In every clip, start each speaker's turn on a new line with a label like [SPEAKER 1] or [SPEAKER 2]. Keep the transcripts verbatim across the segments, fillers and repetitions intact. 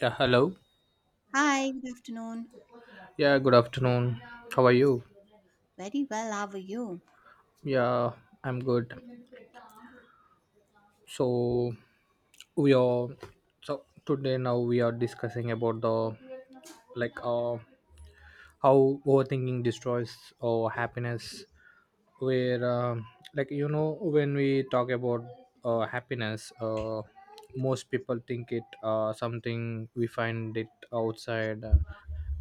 [SPEAKER 1] Yeah, hello.
[SPEAKER 2] Hi, good afternoon.
[SPEAKER 1] Yeah, good afternoon. How are you?
[SPEAKER 2] Very well, how are you?
[SPEAKER 1] Yeah, I'm good. So we are so today now we are discussing about the like uh how overthinking destroys our happiness. Where um like you know when we talk about uh, happiness, uh, most people think it uh something we find it outside. uh,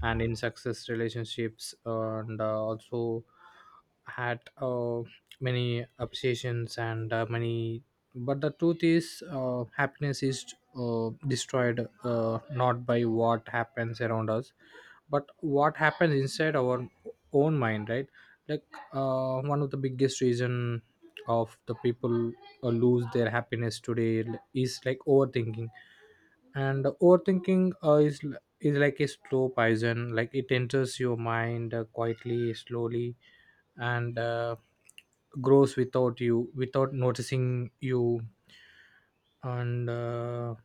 [SPEAKER 1] And in success relationships and uh, also had uh, many obsessions and uh, many But the truth is uh, happiness is uh, destroyed uh, not by what happens around us but what happens inside our own mind, right? like uh, one of the biggest reason of the people uh, lose their happiness today is like overthinking, and overthinking uh, is l- is like a slow poison, like it enters your mind uh, quietly, slowly, and uh, grows without you, without noticing you. And uh,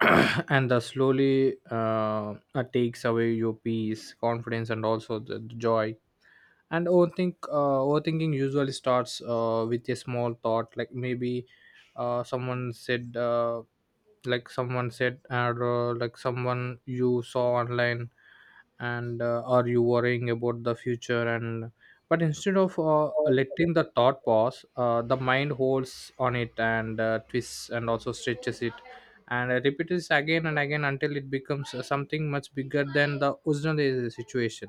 [SPEAKER 1] and uh, slowly uh, uh, takes away your peace, confidence, and also the, the joy. And overthink uh, overthinking usually starts uh, with a small thought, like maybe uh, someone said uh, like someone said, or uh, like someone you saw online, and uh, are you worrying about the future? And but instead of uh, letting the thought pause, uh, the mind holds on it and uh, twists and also stretches it and uh, repeats again and again until it becomes uh, something much bigger than the original uh, situation.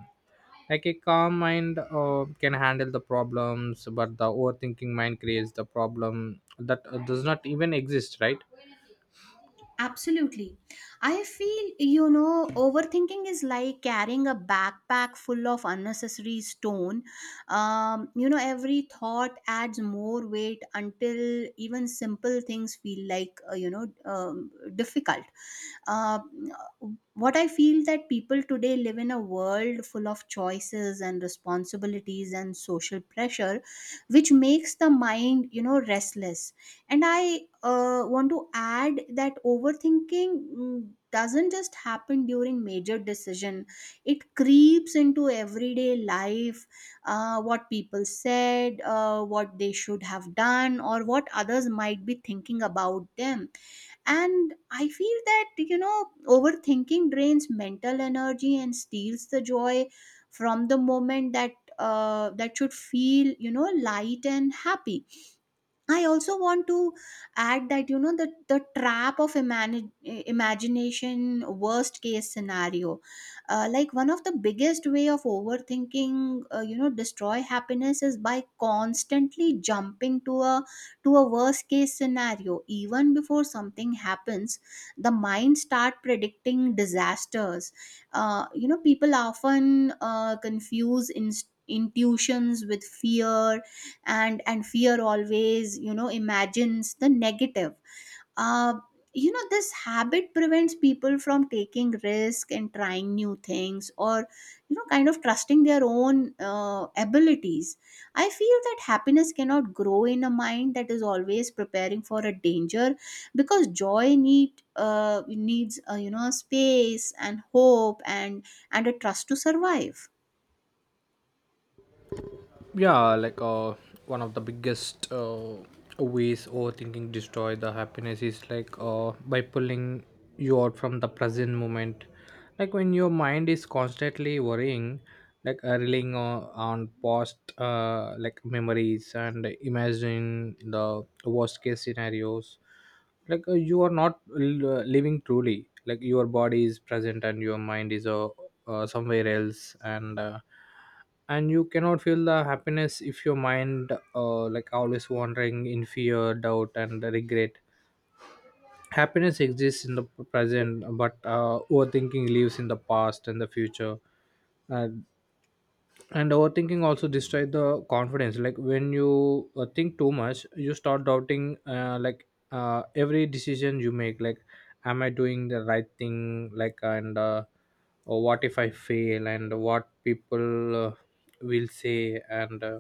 [SPEAKER 1] Like a calm mind uh, can handle the problems, but the overthinking mind creates the problem that uh, does not even exist, right?
[SPEAKER 2] Absolutely. I feel, you know, overthinking is like carrying a backpack full of unnecessary stone. Um, you know, every thought adds more weight until even simple things feel like, uh, you know, um, difficult. uh, what I feel that people today live in a world full of choices and responsibilities and social pressure which makes the mind, you know, restless. And i uh, want to add that overthinking mm, doesn't just happen during major decision. It creeps into everyday life. Uh, what people said, uh, what they should have done or what others might be thinking about them. And I feel that, you know, overthinking drains mental energy and steals the joy from the moment that uh, that should feel, you know, light and happy. I also want to add that, you know, the the trap of imani- imagination, worst case scenario. Uh, like, one of the biggest way of overthinking, uh, you know, destroy happiness is by constantly jumping to a to a worst case scenario. Even before something happens, the mind start predicting disasters. Uh, you know, people often uh, confuse in, intuitions with fear. And and fear always, you know, imagines the negative. uh, you know, this habit prevents people from taking risk and trying new things, or you know, kind of trusting their own uh, abilities. I feel that happiness cannot grow in a mind that is always preparing for a danger, because joy need uh, needs uh, you know, space and hope, and and a trust to survive.
[SPEAKER 1] Yeah like uh, one of the biggest uh, ways overthinking destroy the happiness is like uh, by pulling you out from the present moment. Like when your mind is constantly worrying, like uh, relying on, on past uh, like memories and imagine the worst case scenarios, like uh, you are not l- uh, living truly. Like your body is present and your mind is uh, uh, somewhere else, and uh, and you cannot feel the happiness if your mind uh, like always wandering in fear, doubt, and regret. Happiness exists in the present, but uh, overthinking lives in the past and the future. And, and overthinking also destroys the confidence. Like when you uh, think too much, you start doubting, uh, like uh, every decision you make, like am I doing the right thing? Like and uh, Or what if I fail? And what people uh, will say? And uh,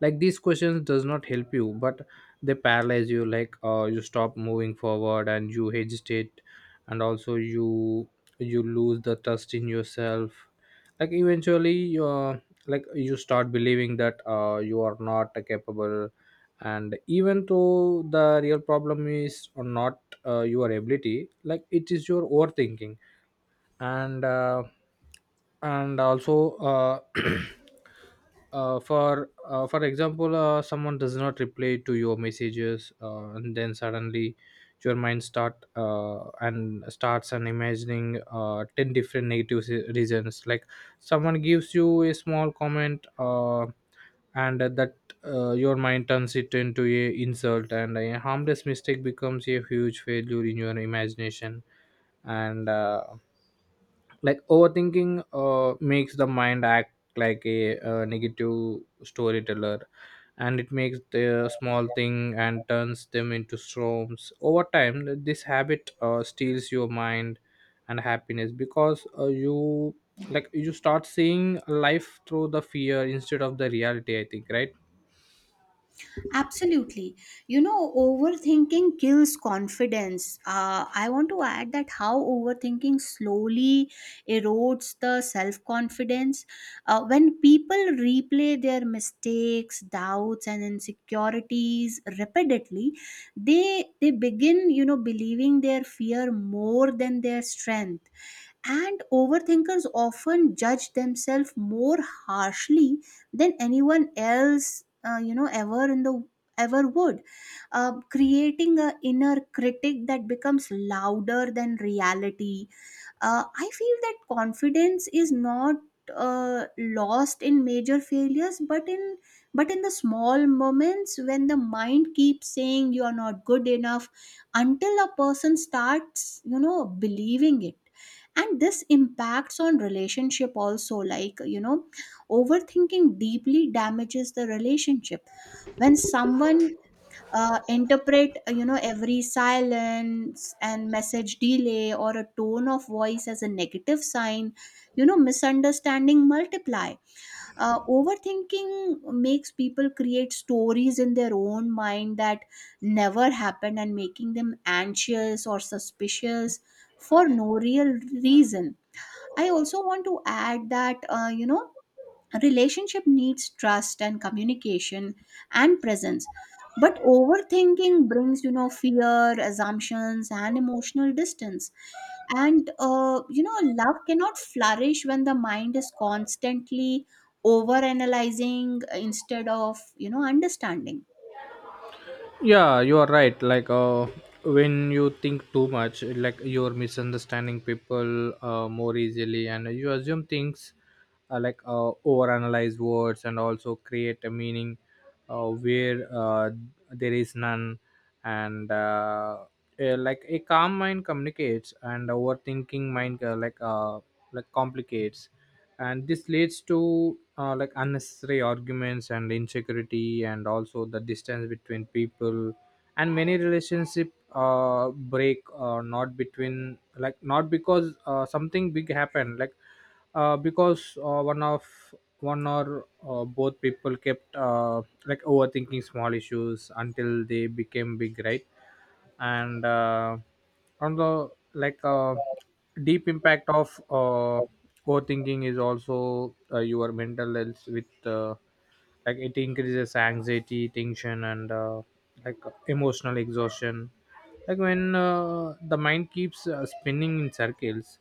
[SPEAKER 1] Like, these questions does not help you, but they paralyze you. Like uh, you stop moving forward and you hesitate, and also you you lose the trust in yourself. Like eventually you're like you start believing that uh, you are not capable, and even though the real problem is not uh, your ability, like it is your overthinking. And uh, and also uh, uh, for uh, for example, uh, someone does not reply to your messages, uh, and then suddenly your mind start uh, and starts and imagining uh, ten different negative se- reasons. Like someone gives you a small comment, uh, and that uh, your mind turns it into a insult, and a harmless mistake becomes a huge failure in your imagination. And uh, like overthinking uh, makes the mind act like a, uh negative storyteller, and it makes the small thing and turns them into storms. Over time this habit uh, steals your mind and happiness, because uh, you like you start seeing life through the fear instead of the reality, I think, right?
[SPEAKER 2] Absolutely. You know, overthinking kills confidence. Uh, I want to add that how overthinking slowly erodes the self confidence. Uh, when people replay their mistakes, doubts, and insecurities repeatedly, they they begin, you know, believing their fear more than their strength. And overthinkers often judge themselves more harshly than anyone else, uh, you know, ever in the ever would, uh, creating a inner critic that becomes louder than reality. uh, I feel that confidence is not uh, lost in major failures, but in but in the small moments when the mind keeps saying you are not good enough, until a person starts, you know, believing it. And this impacts on relationship also, like, you know, overthinking deeply damages the relationship. When someone uh, interpret, uh, you know, every silence and message delay or a tone of voice as a negative sign, you know, misunderstanding multiply. Uh, overthinking makes people create stories in their own mind that never happened, and making them anxious or suspicious for no real reason. I also want to add that, uh, you know, a relationship needs trust and communication and presence. But overthinking brings, you know, fear, assumptions, and emotional distance. And, uh, you know, love cannot flourish when the mind is constantly overanalyzing instead of, you know, understanding.
[SPEAKER 1] Yeah you are right like uh, When you think too much, like you're misunderstanding people uh, more easily, and you assume things, uh, like uh, overanalyze words and also create a meaning uh, where uh, there is none. And uh, uh, Like a calm mind communicates, and overthinking mind uh, like uh, like complicates, and this leads to uh, like unnecessary arguments and insecurity and also the distance between people. And many relationship uh, break, uh, not between like not because uh, something big happened, like uh, because uh, one of one or uh, both people kept uh, like overthinking small issues until they became big, right? And uh, on the like uh, deep impact of uh, overthinking is also uh, your mental health. With uh, Like it increases anxiety, tension, and uh, like emotional exhaustion. Like when uh, the mind keeps uh, spinning in circles,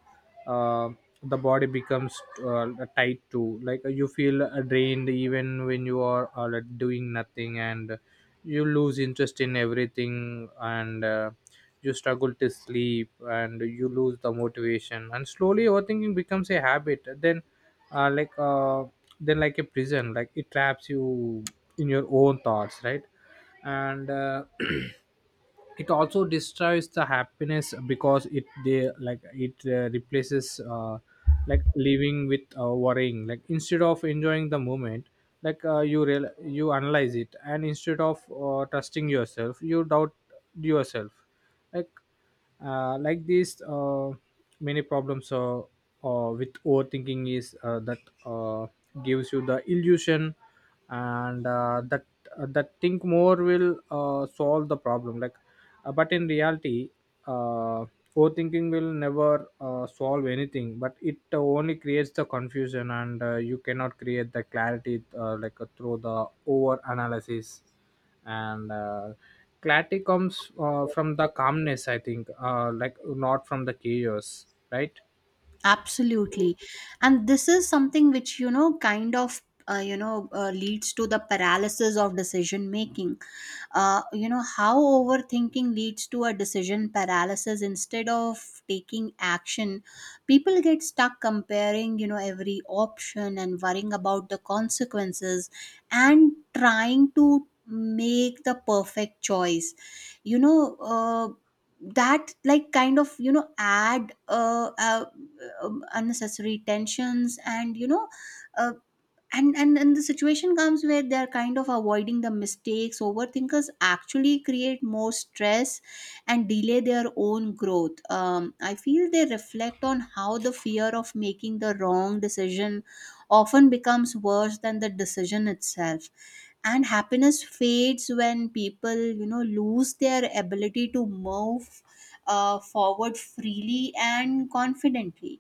[SPEAKER 1] uh, the body becomes uh, tight too. Like you feel uh, drained even when you are uh, like, doing nothing, and you lose interest in everything, and uh, you struggle to sleep, and you lose the motivation. And slowly overthinking becomes a habit, then uh, like uh, then like a prison, like it traps you in your own thoughts, right? and uh, It also destroys the happiness because it they like it uh, replaces uh, like living with uh, worrying. Like instead of enjoying the moment, like uh, you real you analyze it, and instead of uh, trusting yourself, you doubt yourself. Like uh, like this uh, Many problems uh, uh, with overthinking is uh, that uh, gives you the illusion and uh, that uh, that think more will uh, solve the problem. Like uh, but in reality, uh, overthinking will never uh, solve anything, but it uh, only creates the confusion, and uh, you cannot create the clarity uh, like uh, through the over analysis. And uh, Clarity comes uh, from the calmness, I think, uh, like not from the chaos, right?
[SPEAKER 2] Absolutely. And this is something which, you know, kind of, uh, you know, uh, leads to the paralysis of decision making. Uh, you know, how overthinking leads to a decision paralysis instead of taking action. People get stuck comparing, you know, every option and worrying about the consequences and trying to make the perfect choice. You know, uh, that, like, kind of, you know, add uh, uh um, unnecessary tensions. And you know, uh, and and and the situation comes where they're kind of avoiding the mistakes. Overthinkers actually create more stress and delay their own growth. um, I feel they reflect on how the fear of making the wrong decision often becomes worse than the decision itself. And happiness fades when people, you know, lose their ability to move uh, forward freely and confidently.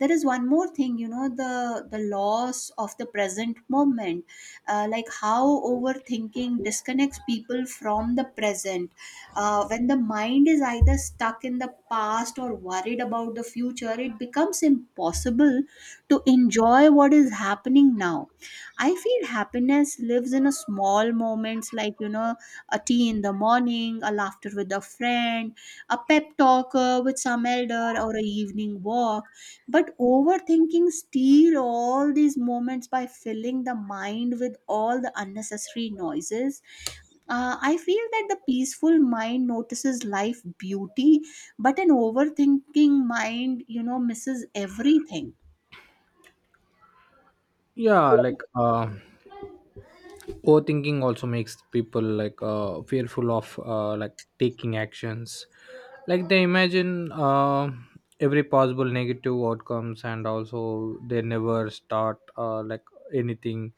[SPEAKER 2] There is one more thing, you know, the the loss of the present moment. Uh, like, how overthinking disconnects people from the present. Uh, when the mind is either stuck in the past or worried about the future, it becomes impossible to enjoy what is happening now. I feel happiness lives in a small moments like, you know, a tea in the morning, a laughter with a friend, a pep talk uh, with some elder, or a evening walk. But overthinking steal all these moments by filling the mind with all the unnecessary noises. Uh, I feel that the peaceful mind notices life beauty, but an overthinking mind, you know, misses everything.
[SPEAKER 1] Yeah like uh, overthinking also makes people like uh, fearful of uh, like taking actions. Like they imagine uh, every possible negative outcomes, and also they never start uh, like anything,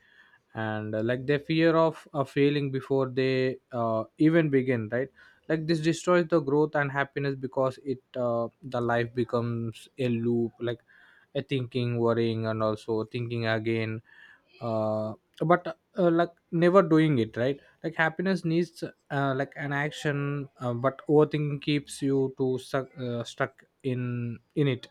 [SPEAKER 1] and uh, like they fear of uh, failing before they uh, even begin, right? Like, this destroys the growth and happiness, because it uh, the life becomes a loop, like a thinking, worrying, and also thinking again, uh, but uh, like never doing it, right? Like happiness needs uh, like an action, uh, but overthinking keeps you to stuck, uh, stuck in in it.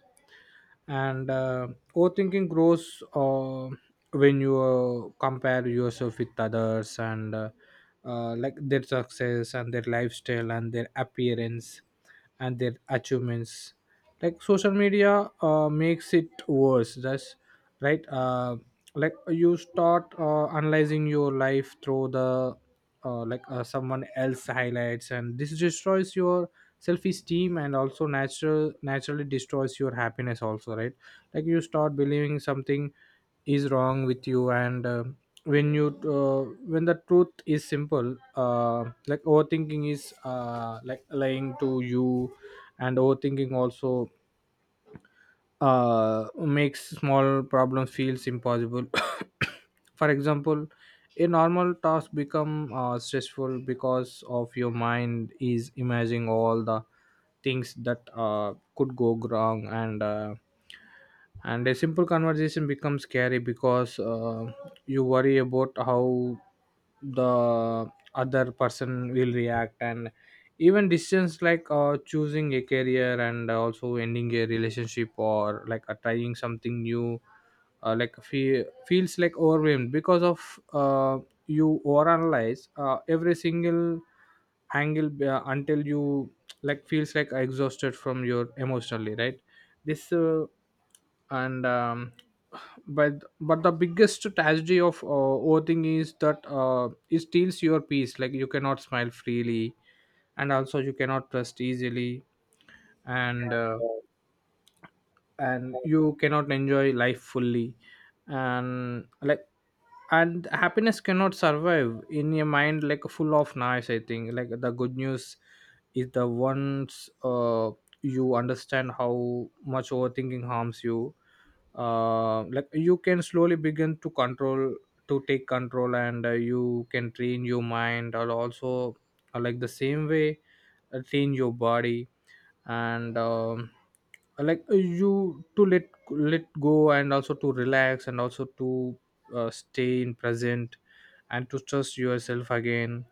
[SPEAKER 1] And uh, Overthinking grows uh, when you uh, compare yourself with others, and uh, uh, like their success and their lifestyle and their appearance and their achievements. Like social media uh, makes it worse, that's right. Uh, like you start uh, analyzing your life through the uh, like uh, someone else highlights, and this destroys your self-esteem and also natural naturally destroys your happiness also, right? Like you start believing something is wrong with you, and uh, when you uh, when the truth is simple, uh, like overthinking is uh, like lying to you. And overthinking also uh, makes small problems feels impossible. For example, a normal task become uh, stressful because of your mind is imagining all the things that uh, could go wrong. And uh, and a simple conversation becomes scary because uh, you worry about how the other person will react. And even decisions like uh, choosing a career and also ending a relationship, or like uh, trying something new, uh, like fe- feels like overwhelmed, because of uh, you overanalyze uh, every single angle uh, until you like feels like exhausted from your emotionally, right? This uh, and um, but but the biggest tragedy of uh, overthinking is that uh, it steals your peace. Like you cannot smile freely, and also you cannot trust easily, and uh, and you cannot enjoy life fully, and like and happiness cannot survive in your mind, like full of noise, I think. Like the good news is the ones uh, you understand how much overthinking harms you, uh, like you can slowly begin to control, to take control, and uh, you can train your mind, or also uh, like the same way uh, train your body, and um, like uh, you to let let go, and also to relax, and also to uh, stay in present, and to trust yourself again.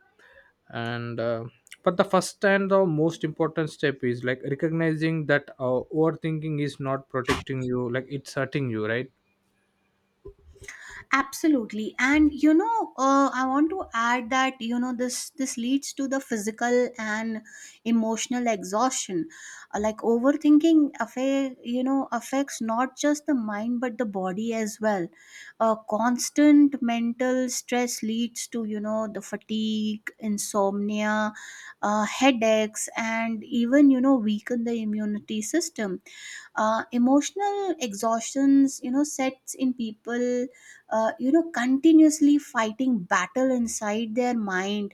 [SPEAKER 1] And uh, but the first and the most important step is like recognizing that uh, overthinking is not protecting you, like it's hurting you, right?
[SPEAKER 2] Absolutely. And you know, uh, I want to add that, you know, this this leads to the physical and emotional exhaustion. Uh, like, overthinking affa- you know, affects not just the mind but the body as well. Uh, constant mental stress leads to, you know, the fatigue, insomnia, uh, headaches, and even, you know, weaken the immunity system. Uh, emotional exhaustions, you know, sets in people uh, you know, continuously fighting battle inside their mind.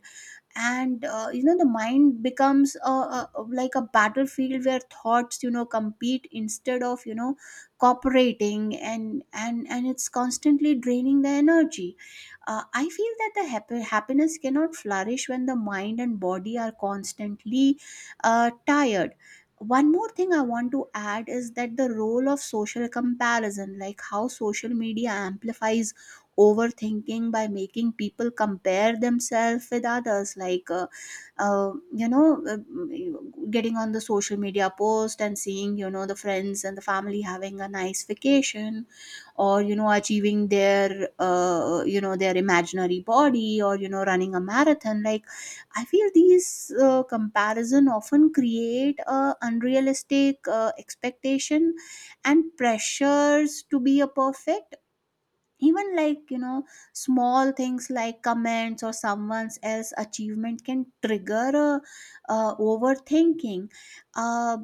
[SPEAKER 2] And uh, you know, the mind becomes a, a, like a battlefield where thoughts, you know, compete instead of, you know, cooperating. And and and it's constantly draining the energy. uh, I feel that the happy, happiness cannot flourish when the mind and body are constantly uh, tired. One more thing I want to add is that the role of social comparison, like how social media amplifies overthinking by making people compare themselves with others. Like uh, uh, you know uh, mm, getting on the social media post and seeing, you know, the friends and the family having a nice vacation, or you know, achieving their, uh, you know, their imaginary body, or you know, running a marathon. Like, I feel these uh, comparison often create a unrealistic uh, expectation and pressures to be a perfect. Even, like, you know, small things like comments or someone's else achievement can trigger a, uh, overthinking. uh,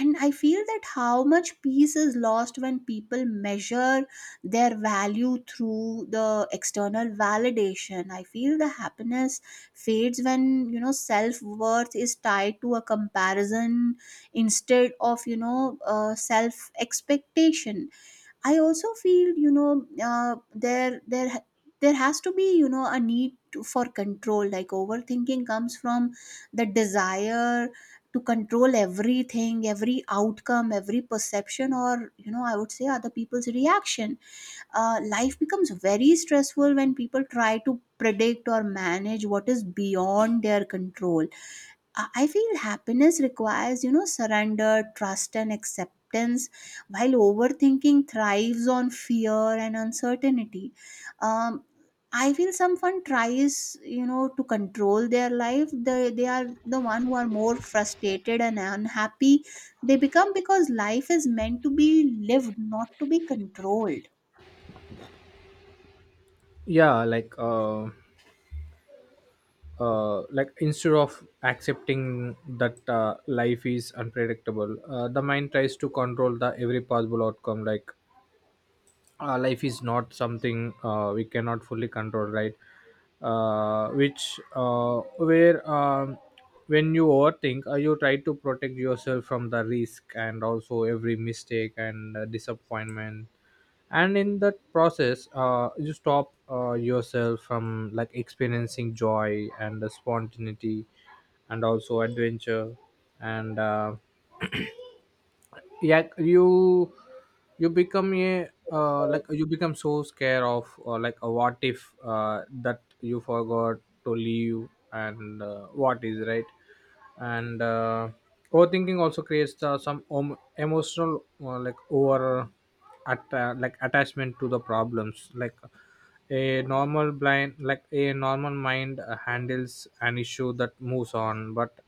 [SPEAKER 2] and I feel that how much peace is lost when people measure their value through the external validation. I feel the happiness fades when, you know, self-worth is tied to a comparison instead of, you know, uh, self expectation. I also feel, you know, uh, there there ha- there has to be, you know, a need to, for control. Like, overthinking comes from the desire to control everything, every outcome, every perception, or you know, I would say, other people's reaction. Uh, life becomes very stressful when people try to predict or manage what is beyond their control. I I feel happiness requires, you know, surrender, trust, and acceptance, while overthinking thrives on fear and uncertainty. Um, I feel someone tries, you know, to control their life. They, they are the one who are more frustrated and unhappy. They become, because life is meant to be lived, not to be controlled.
[SPEAKER 1] Yeah like uh, uh like instead of accepting that uh, life is unpredictable, uh, the mind tries to control the every possible outcome. Like uh, life is not something uh, we cannot fully control, right? uh, which uh, where um, When you overthink, uh, you try to protect yourself from the risk and also every mistake and uh, disappointment, and in that process uh, you stop uh, yourself from like experiencing joy and the spontaneity and also adventure. And uh, Yeah, you you become a uh, like you become so scared of uh, like a what if, uh, that you forgot to leave and uh, what is right. and uh, Overthinking also creates uh, some om- emotional uh, like over at uh, like attachment to the problems. Like a normal blind like a normal mind uh, handles an issue that moves on, but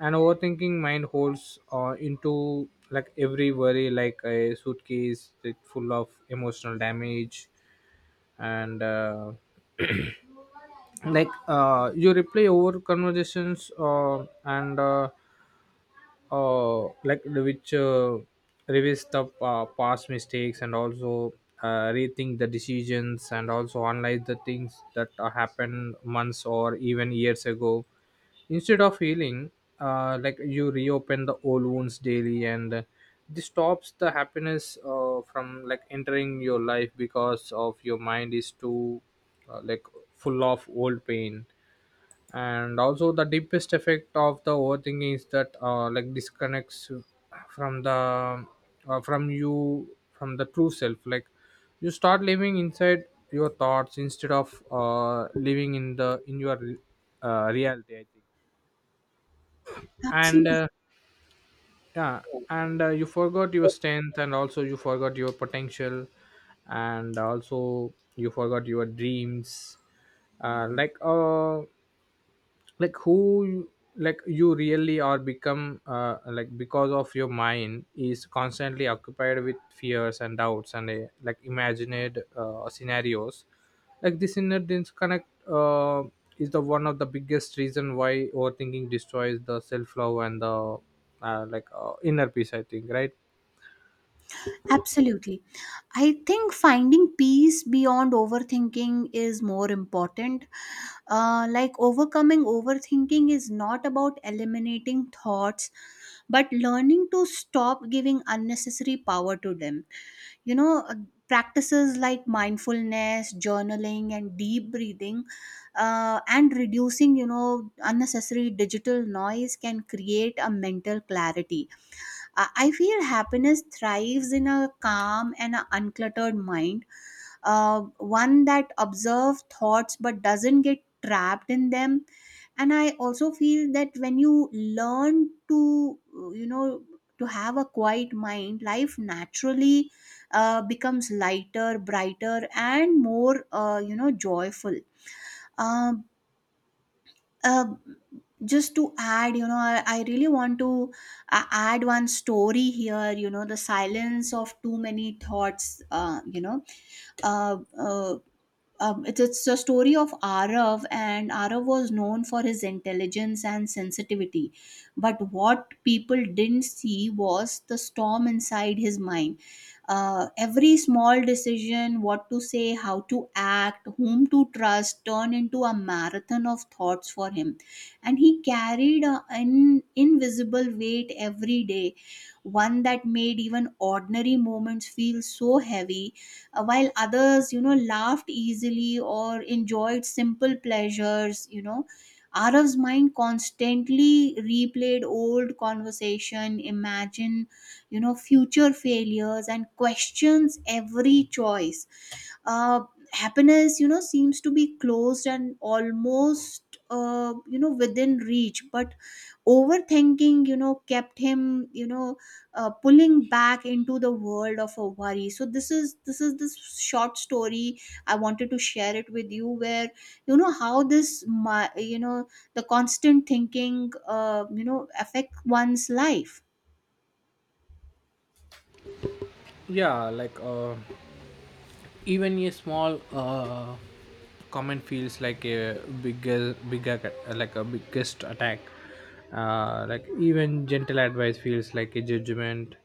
[SPEAKER 1] an overthinking mind holds uh, into like every worry, like a suitcase that full of emotional damage, and uh, like uh, you replay over conversations, uh, and uh, uh, like which uh, revise the uh, past mistakes, and also uh, rethink the decisions, and also analyze the things that uh, happened months or even years ago instead of healing. Uh, like you reopen the old wounds daily, and uh, this stops the happiness uh, from like entering your life because of your mind is too uh, like full of old pain. And also the deepest effect of the overthinking is that uh, like disconnects from the uh, from you from the true self, like you start living inside your thoughts instead of uh, living in the in your uh, reality, I think. And
[SPEAKER 2] Absolutely.
[SPEAKER 1] uh, Yeah. And uh, you forgot your strength, and also you forgot your potential, and also you forgot your dreams. uh, like uh, like who you- like you really are become, uh, like because of your mind is constantly occupied with fears and doubts, and uh, like imagined uh, scenarios. Like this inner disconnect uh, is the one of the biggest reason why overthinking destroys the self love and the uh, like uh, inner peace, I think, right?
[SPEAKER 2] Absolutely. I think finding peace beyond overthinking is more important. Uh, like, overcoming overthinking is not about eliminating thoughts, but learning to stop giving unnecessary power to them. You know, uh, practices like mindfulness, journaling, and deep breathing, uh, and reducing, you know, unnecessary digital noise can create a mental clarity. I I feel happiness thrives in a calm and a uncluttered mind, uh, one that observes thoughts but doesn't get trapped in them. And I also feel that when you learn to, you know, to have a quiet mind, life naturally uh, becomes lighter, brighter, and more, uh, you know, joyful. Um uh, just to add, you know, I, I really want to uh, add one story here, you know, the silence of too many thoughts. uh, you know uh, uh, um, it's, it's a story of Arav, and Arav was known for his intelligence and sensitivity. But what people didn't see was the storm inside his mind. Uh, every small decision, what to say, how to act, whom to trust, turned into a marathon of thoughts for him. And he carried an invisible weight every day, one that made even ordinary moments feel so heavy. Uh, while others, you know, laughed easily or enjoyed simple pleasures, you know, Arav's mind constantly replayed old conversation, imagine, you know, future failures, and questions every choice. uh, Happiness, you know, seems to be closed and almost uh, you know, within reach, but overthinking, you know, kept him, you know, uh, pulling back into the world of a worry. So this is this is this short story I wanted to share it with you, where, you know, how this mi- you know, the constant thinking, uh, you know, affect one's life.
[SPEAKER 1] Yeah. Like uh, even a small uh, comment feels like a bigger bigger ca- like a biggest attack. Uh, like even gentle advice feels like a judgment,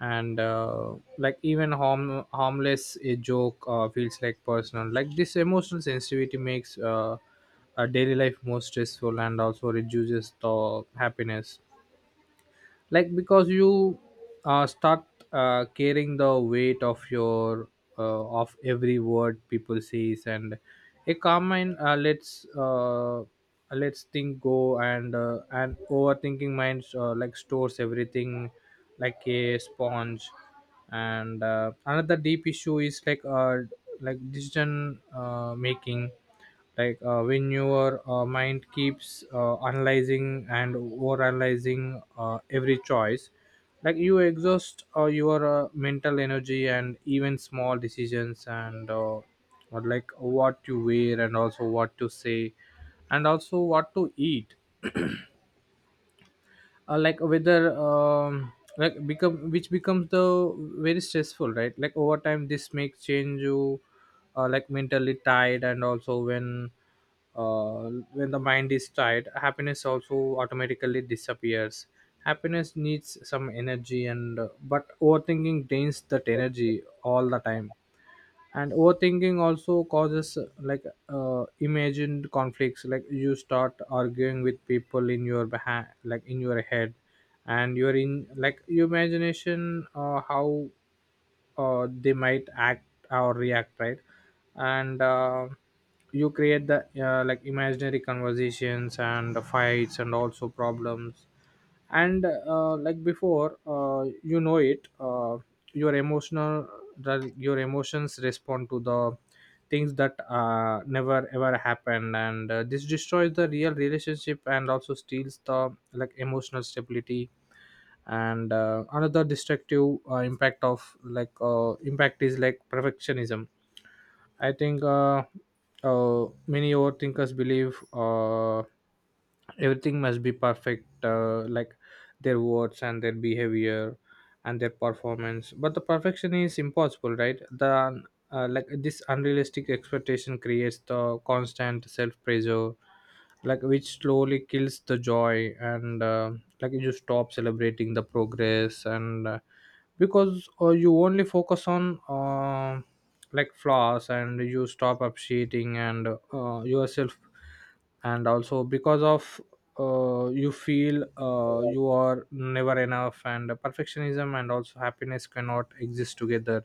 [SPEAKER 1] and uh, like even harm harmless a joke uh, feels like personal. Like this emotional sensitivity makes uh, a daily life more stressful and also reduces the happiness, like because you uh, start uh, carrying the weight of your uh, of every word people says, and a common uh, let's uh, lets think go, and uh, and overthinking minds uh, like stores everything like a sponge. And uh, another deep issue is like uh, like decision uh, making, like uh, when your uh, mind keeps uh, analyzing and over analyzing uh, every choice, like you exhaust uh, your uh, mental energy, and even small decisions and uh, or like what you wear, and also what to say, and also what to eat, uh, like whether um, like become which becomes the very stressful, right? Like over time this makes change you uh, like mentally tired, and also when uh, when the mind is tired, happiness also automatically disappears. Happiness needs some energy, and uh, but overthinking drains that energy all the time. And overthinking also causes uh, like uh, imagined conflicts, like you start arguing with people in your behind, like in your head, and you're in like your imagination, uh, how uh, they might act or react, right? And uh, you create the uh, like imaginary conversations and fights and also problems, and uh, like before uh, you know it, uh, your emotional the- your emotions respond to the things that uh, never ever happened, and uh, this destroys the real relationship and also steals the like emotional stability. And uh, another destructive uh, impact of like uh, impact is like perfectionism, I think. Uh, uh, many overthinkers believe uh, everything must be perfect, uh, like their words, and their behavior, and their performance. But the perfection is impossible, right? The uh, like uh, this unrealistic expectation creates the constant self pressure, like which slowly kills the joy, and uh, like you stop celebrating the progress, and uh, because uh, you only focus on uh, like flaws, and you stop appreciating and uh, yourself, and also because of, uh, you feel uh, you are never enough, and perfectionism and also happiness cannot exist together,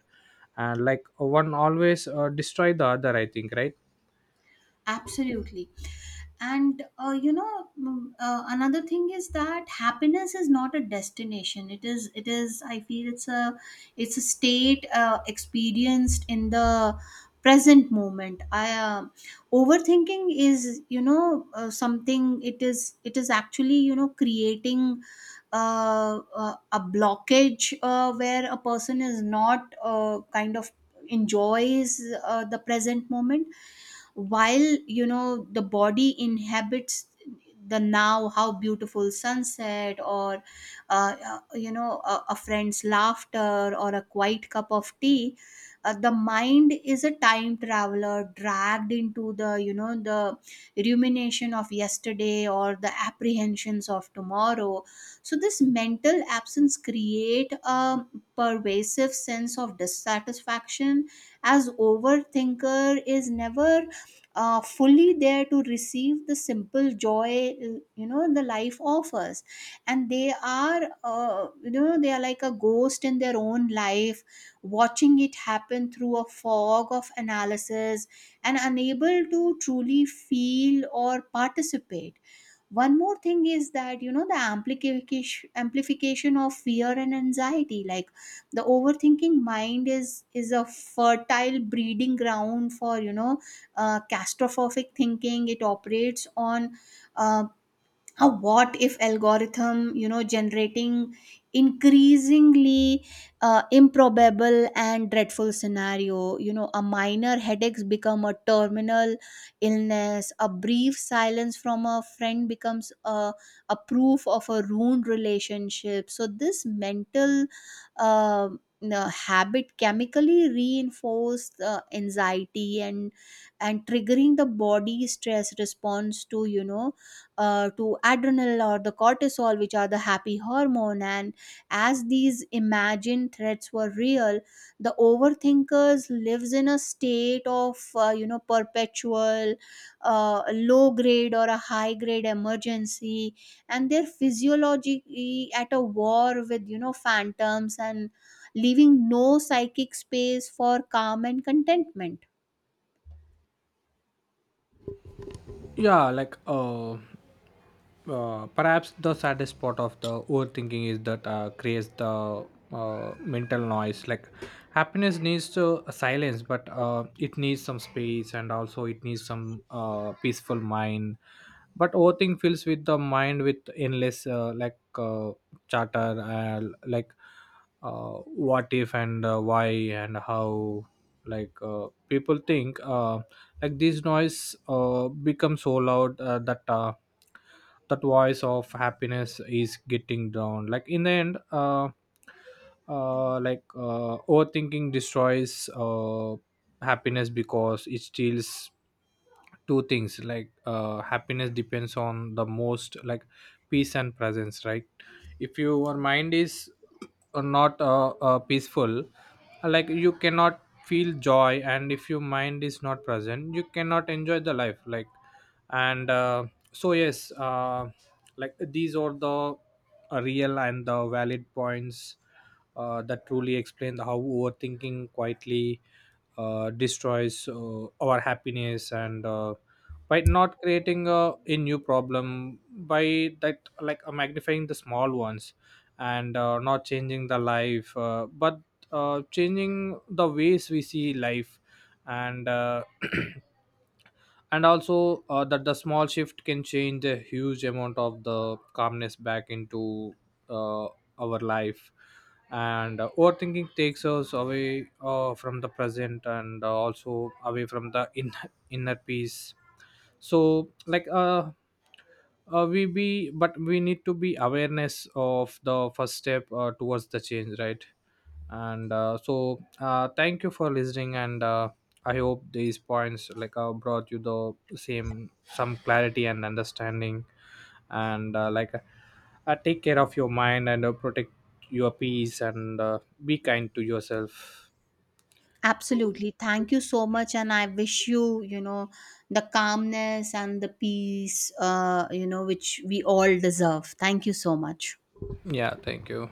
[SPEAKER 1] and like one always uh, destroy the other, I think, right?
[SPEAKER 2] Absolutely. And uh, you know, mm, uh, another thing is that happiness is not a destination. It is. It is. I feel it's a. it's a state uh, experienced in the present moment. I uh, Overthinking is, you know, uh, something. It is. It is actually, you know, creating uh, uh, a blockage, uh, where a person is not uh, kind of enjoys uh, the present moment, while, you know, the body inhabits the now, how beautiful sunset, or uh, uh, you know, a, a friend's laughter or a quiet cup of tea. Uh, the mind is a time traveler dragged into the, you know, the rumination of yesterday, or the apprehensions of tomorrow. So this mental absence create a pervasive sense of dissatisfaction, as overthinker is never uh, fully there to receive the simple joy, uh, you know, the life offers. And they are, uh, you know, they are like a ghost in their own life, watching it happen through a fog of analysis, and unable to truly feel or participate. One more thing is that, you know, the amplification amplification of fear and anxiety. Like, the overthinking mind is is a fertile breeding ground for, you know, uh, catastrophic thinking. It operates on uh, how what if algorithm, you know, generating increasingly uh, improbable and dreadful scenario. You know, a minor headaches become a terminal illness, a brief silence from a friend becomes a, a proof of a ruined relationship. So this mental uh, uh, habit chemically reinforce uh, anxiety, and and triggering the body stress response to, you know, uh, to adrenal or the cortisol, which are the happy hormone. And as these imagined threats were real, the overthinkers lives in a state of, uh, you know, perpetual uh, low grade or a high grade emergency, and their physiology at a war with, you know, phantoms, and leaving no psychic space for calm and contentment.
[SPEAKER 1] Yeah. Like uh uh, perhaps the saddest part of the overthinking is that uh, creates the uh, mental noise, like happiness needs to silence, but uh, it needs some space, and also it needs some uh, peaceful mind. But overthink fills with the mind with endless uh, like uh, chatter, uh, like uh, what if, and uh, why, and how, like uh, people think, uh, like this noise uh, becomes so loud uh, that uh, that voice of happiness is getting down, like in the end. Uh, uh like uh overthinking destroys uh happiness because it steals two things, like uh happiness depends on the most, like peace and presence, right? If your mind is uh, not uh, uh peaceful, uh, like you cannot feel joy, and if your mind is not present, you cannot enjoy the life, like. And uh, So yes, uh, like these are the uh, real and the valid points uh, that truly explain how overthinking quietly uh, destroys uh, our happiness, and uh, by not creating a, a new problem, by that like uh, magnifying the small ones, and uh, not changing the life, uh, but uh, changing the ways we see life. And uh, and also uh, that the small shift can change a huge amount of the calmness back into uh, our life. And uh, overthinking takes us away uh, from the present, and uh, also away from the inner, inner peace. So like, uh, uh, we be but we need to be awareness of the first step uh, towards the change, right? And uh, so, uh, thank you for listening, and uh, I hope these points like uh, brought you the same some clarity and understanding, and uh, like uh, take care of your mind, and uh, protect your peace, and uh, be kind to yourself.
[SPEAKER 2] Absolutely. Thank you so much. And I wish you, you know, the calmness and the peace, uh, you know, which we all deserve. Thank you so much.
[SPEAKER 1] Yeah, thank you.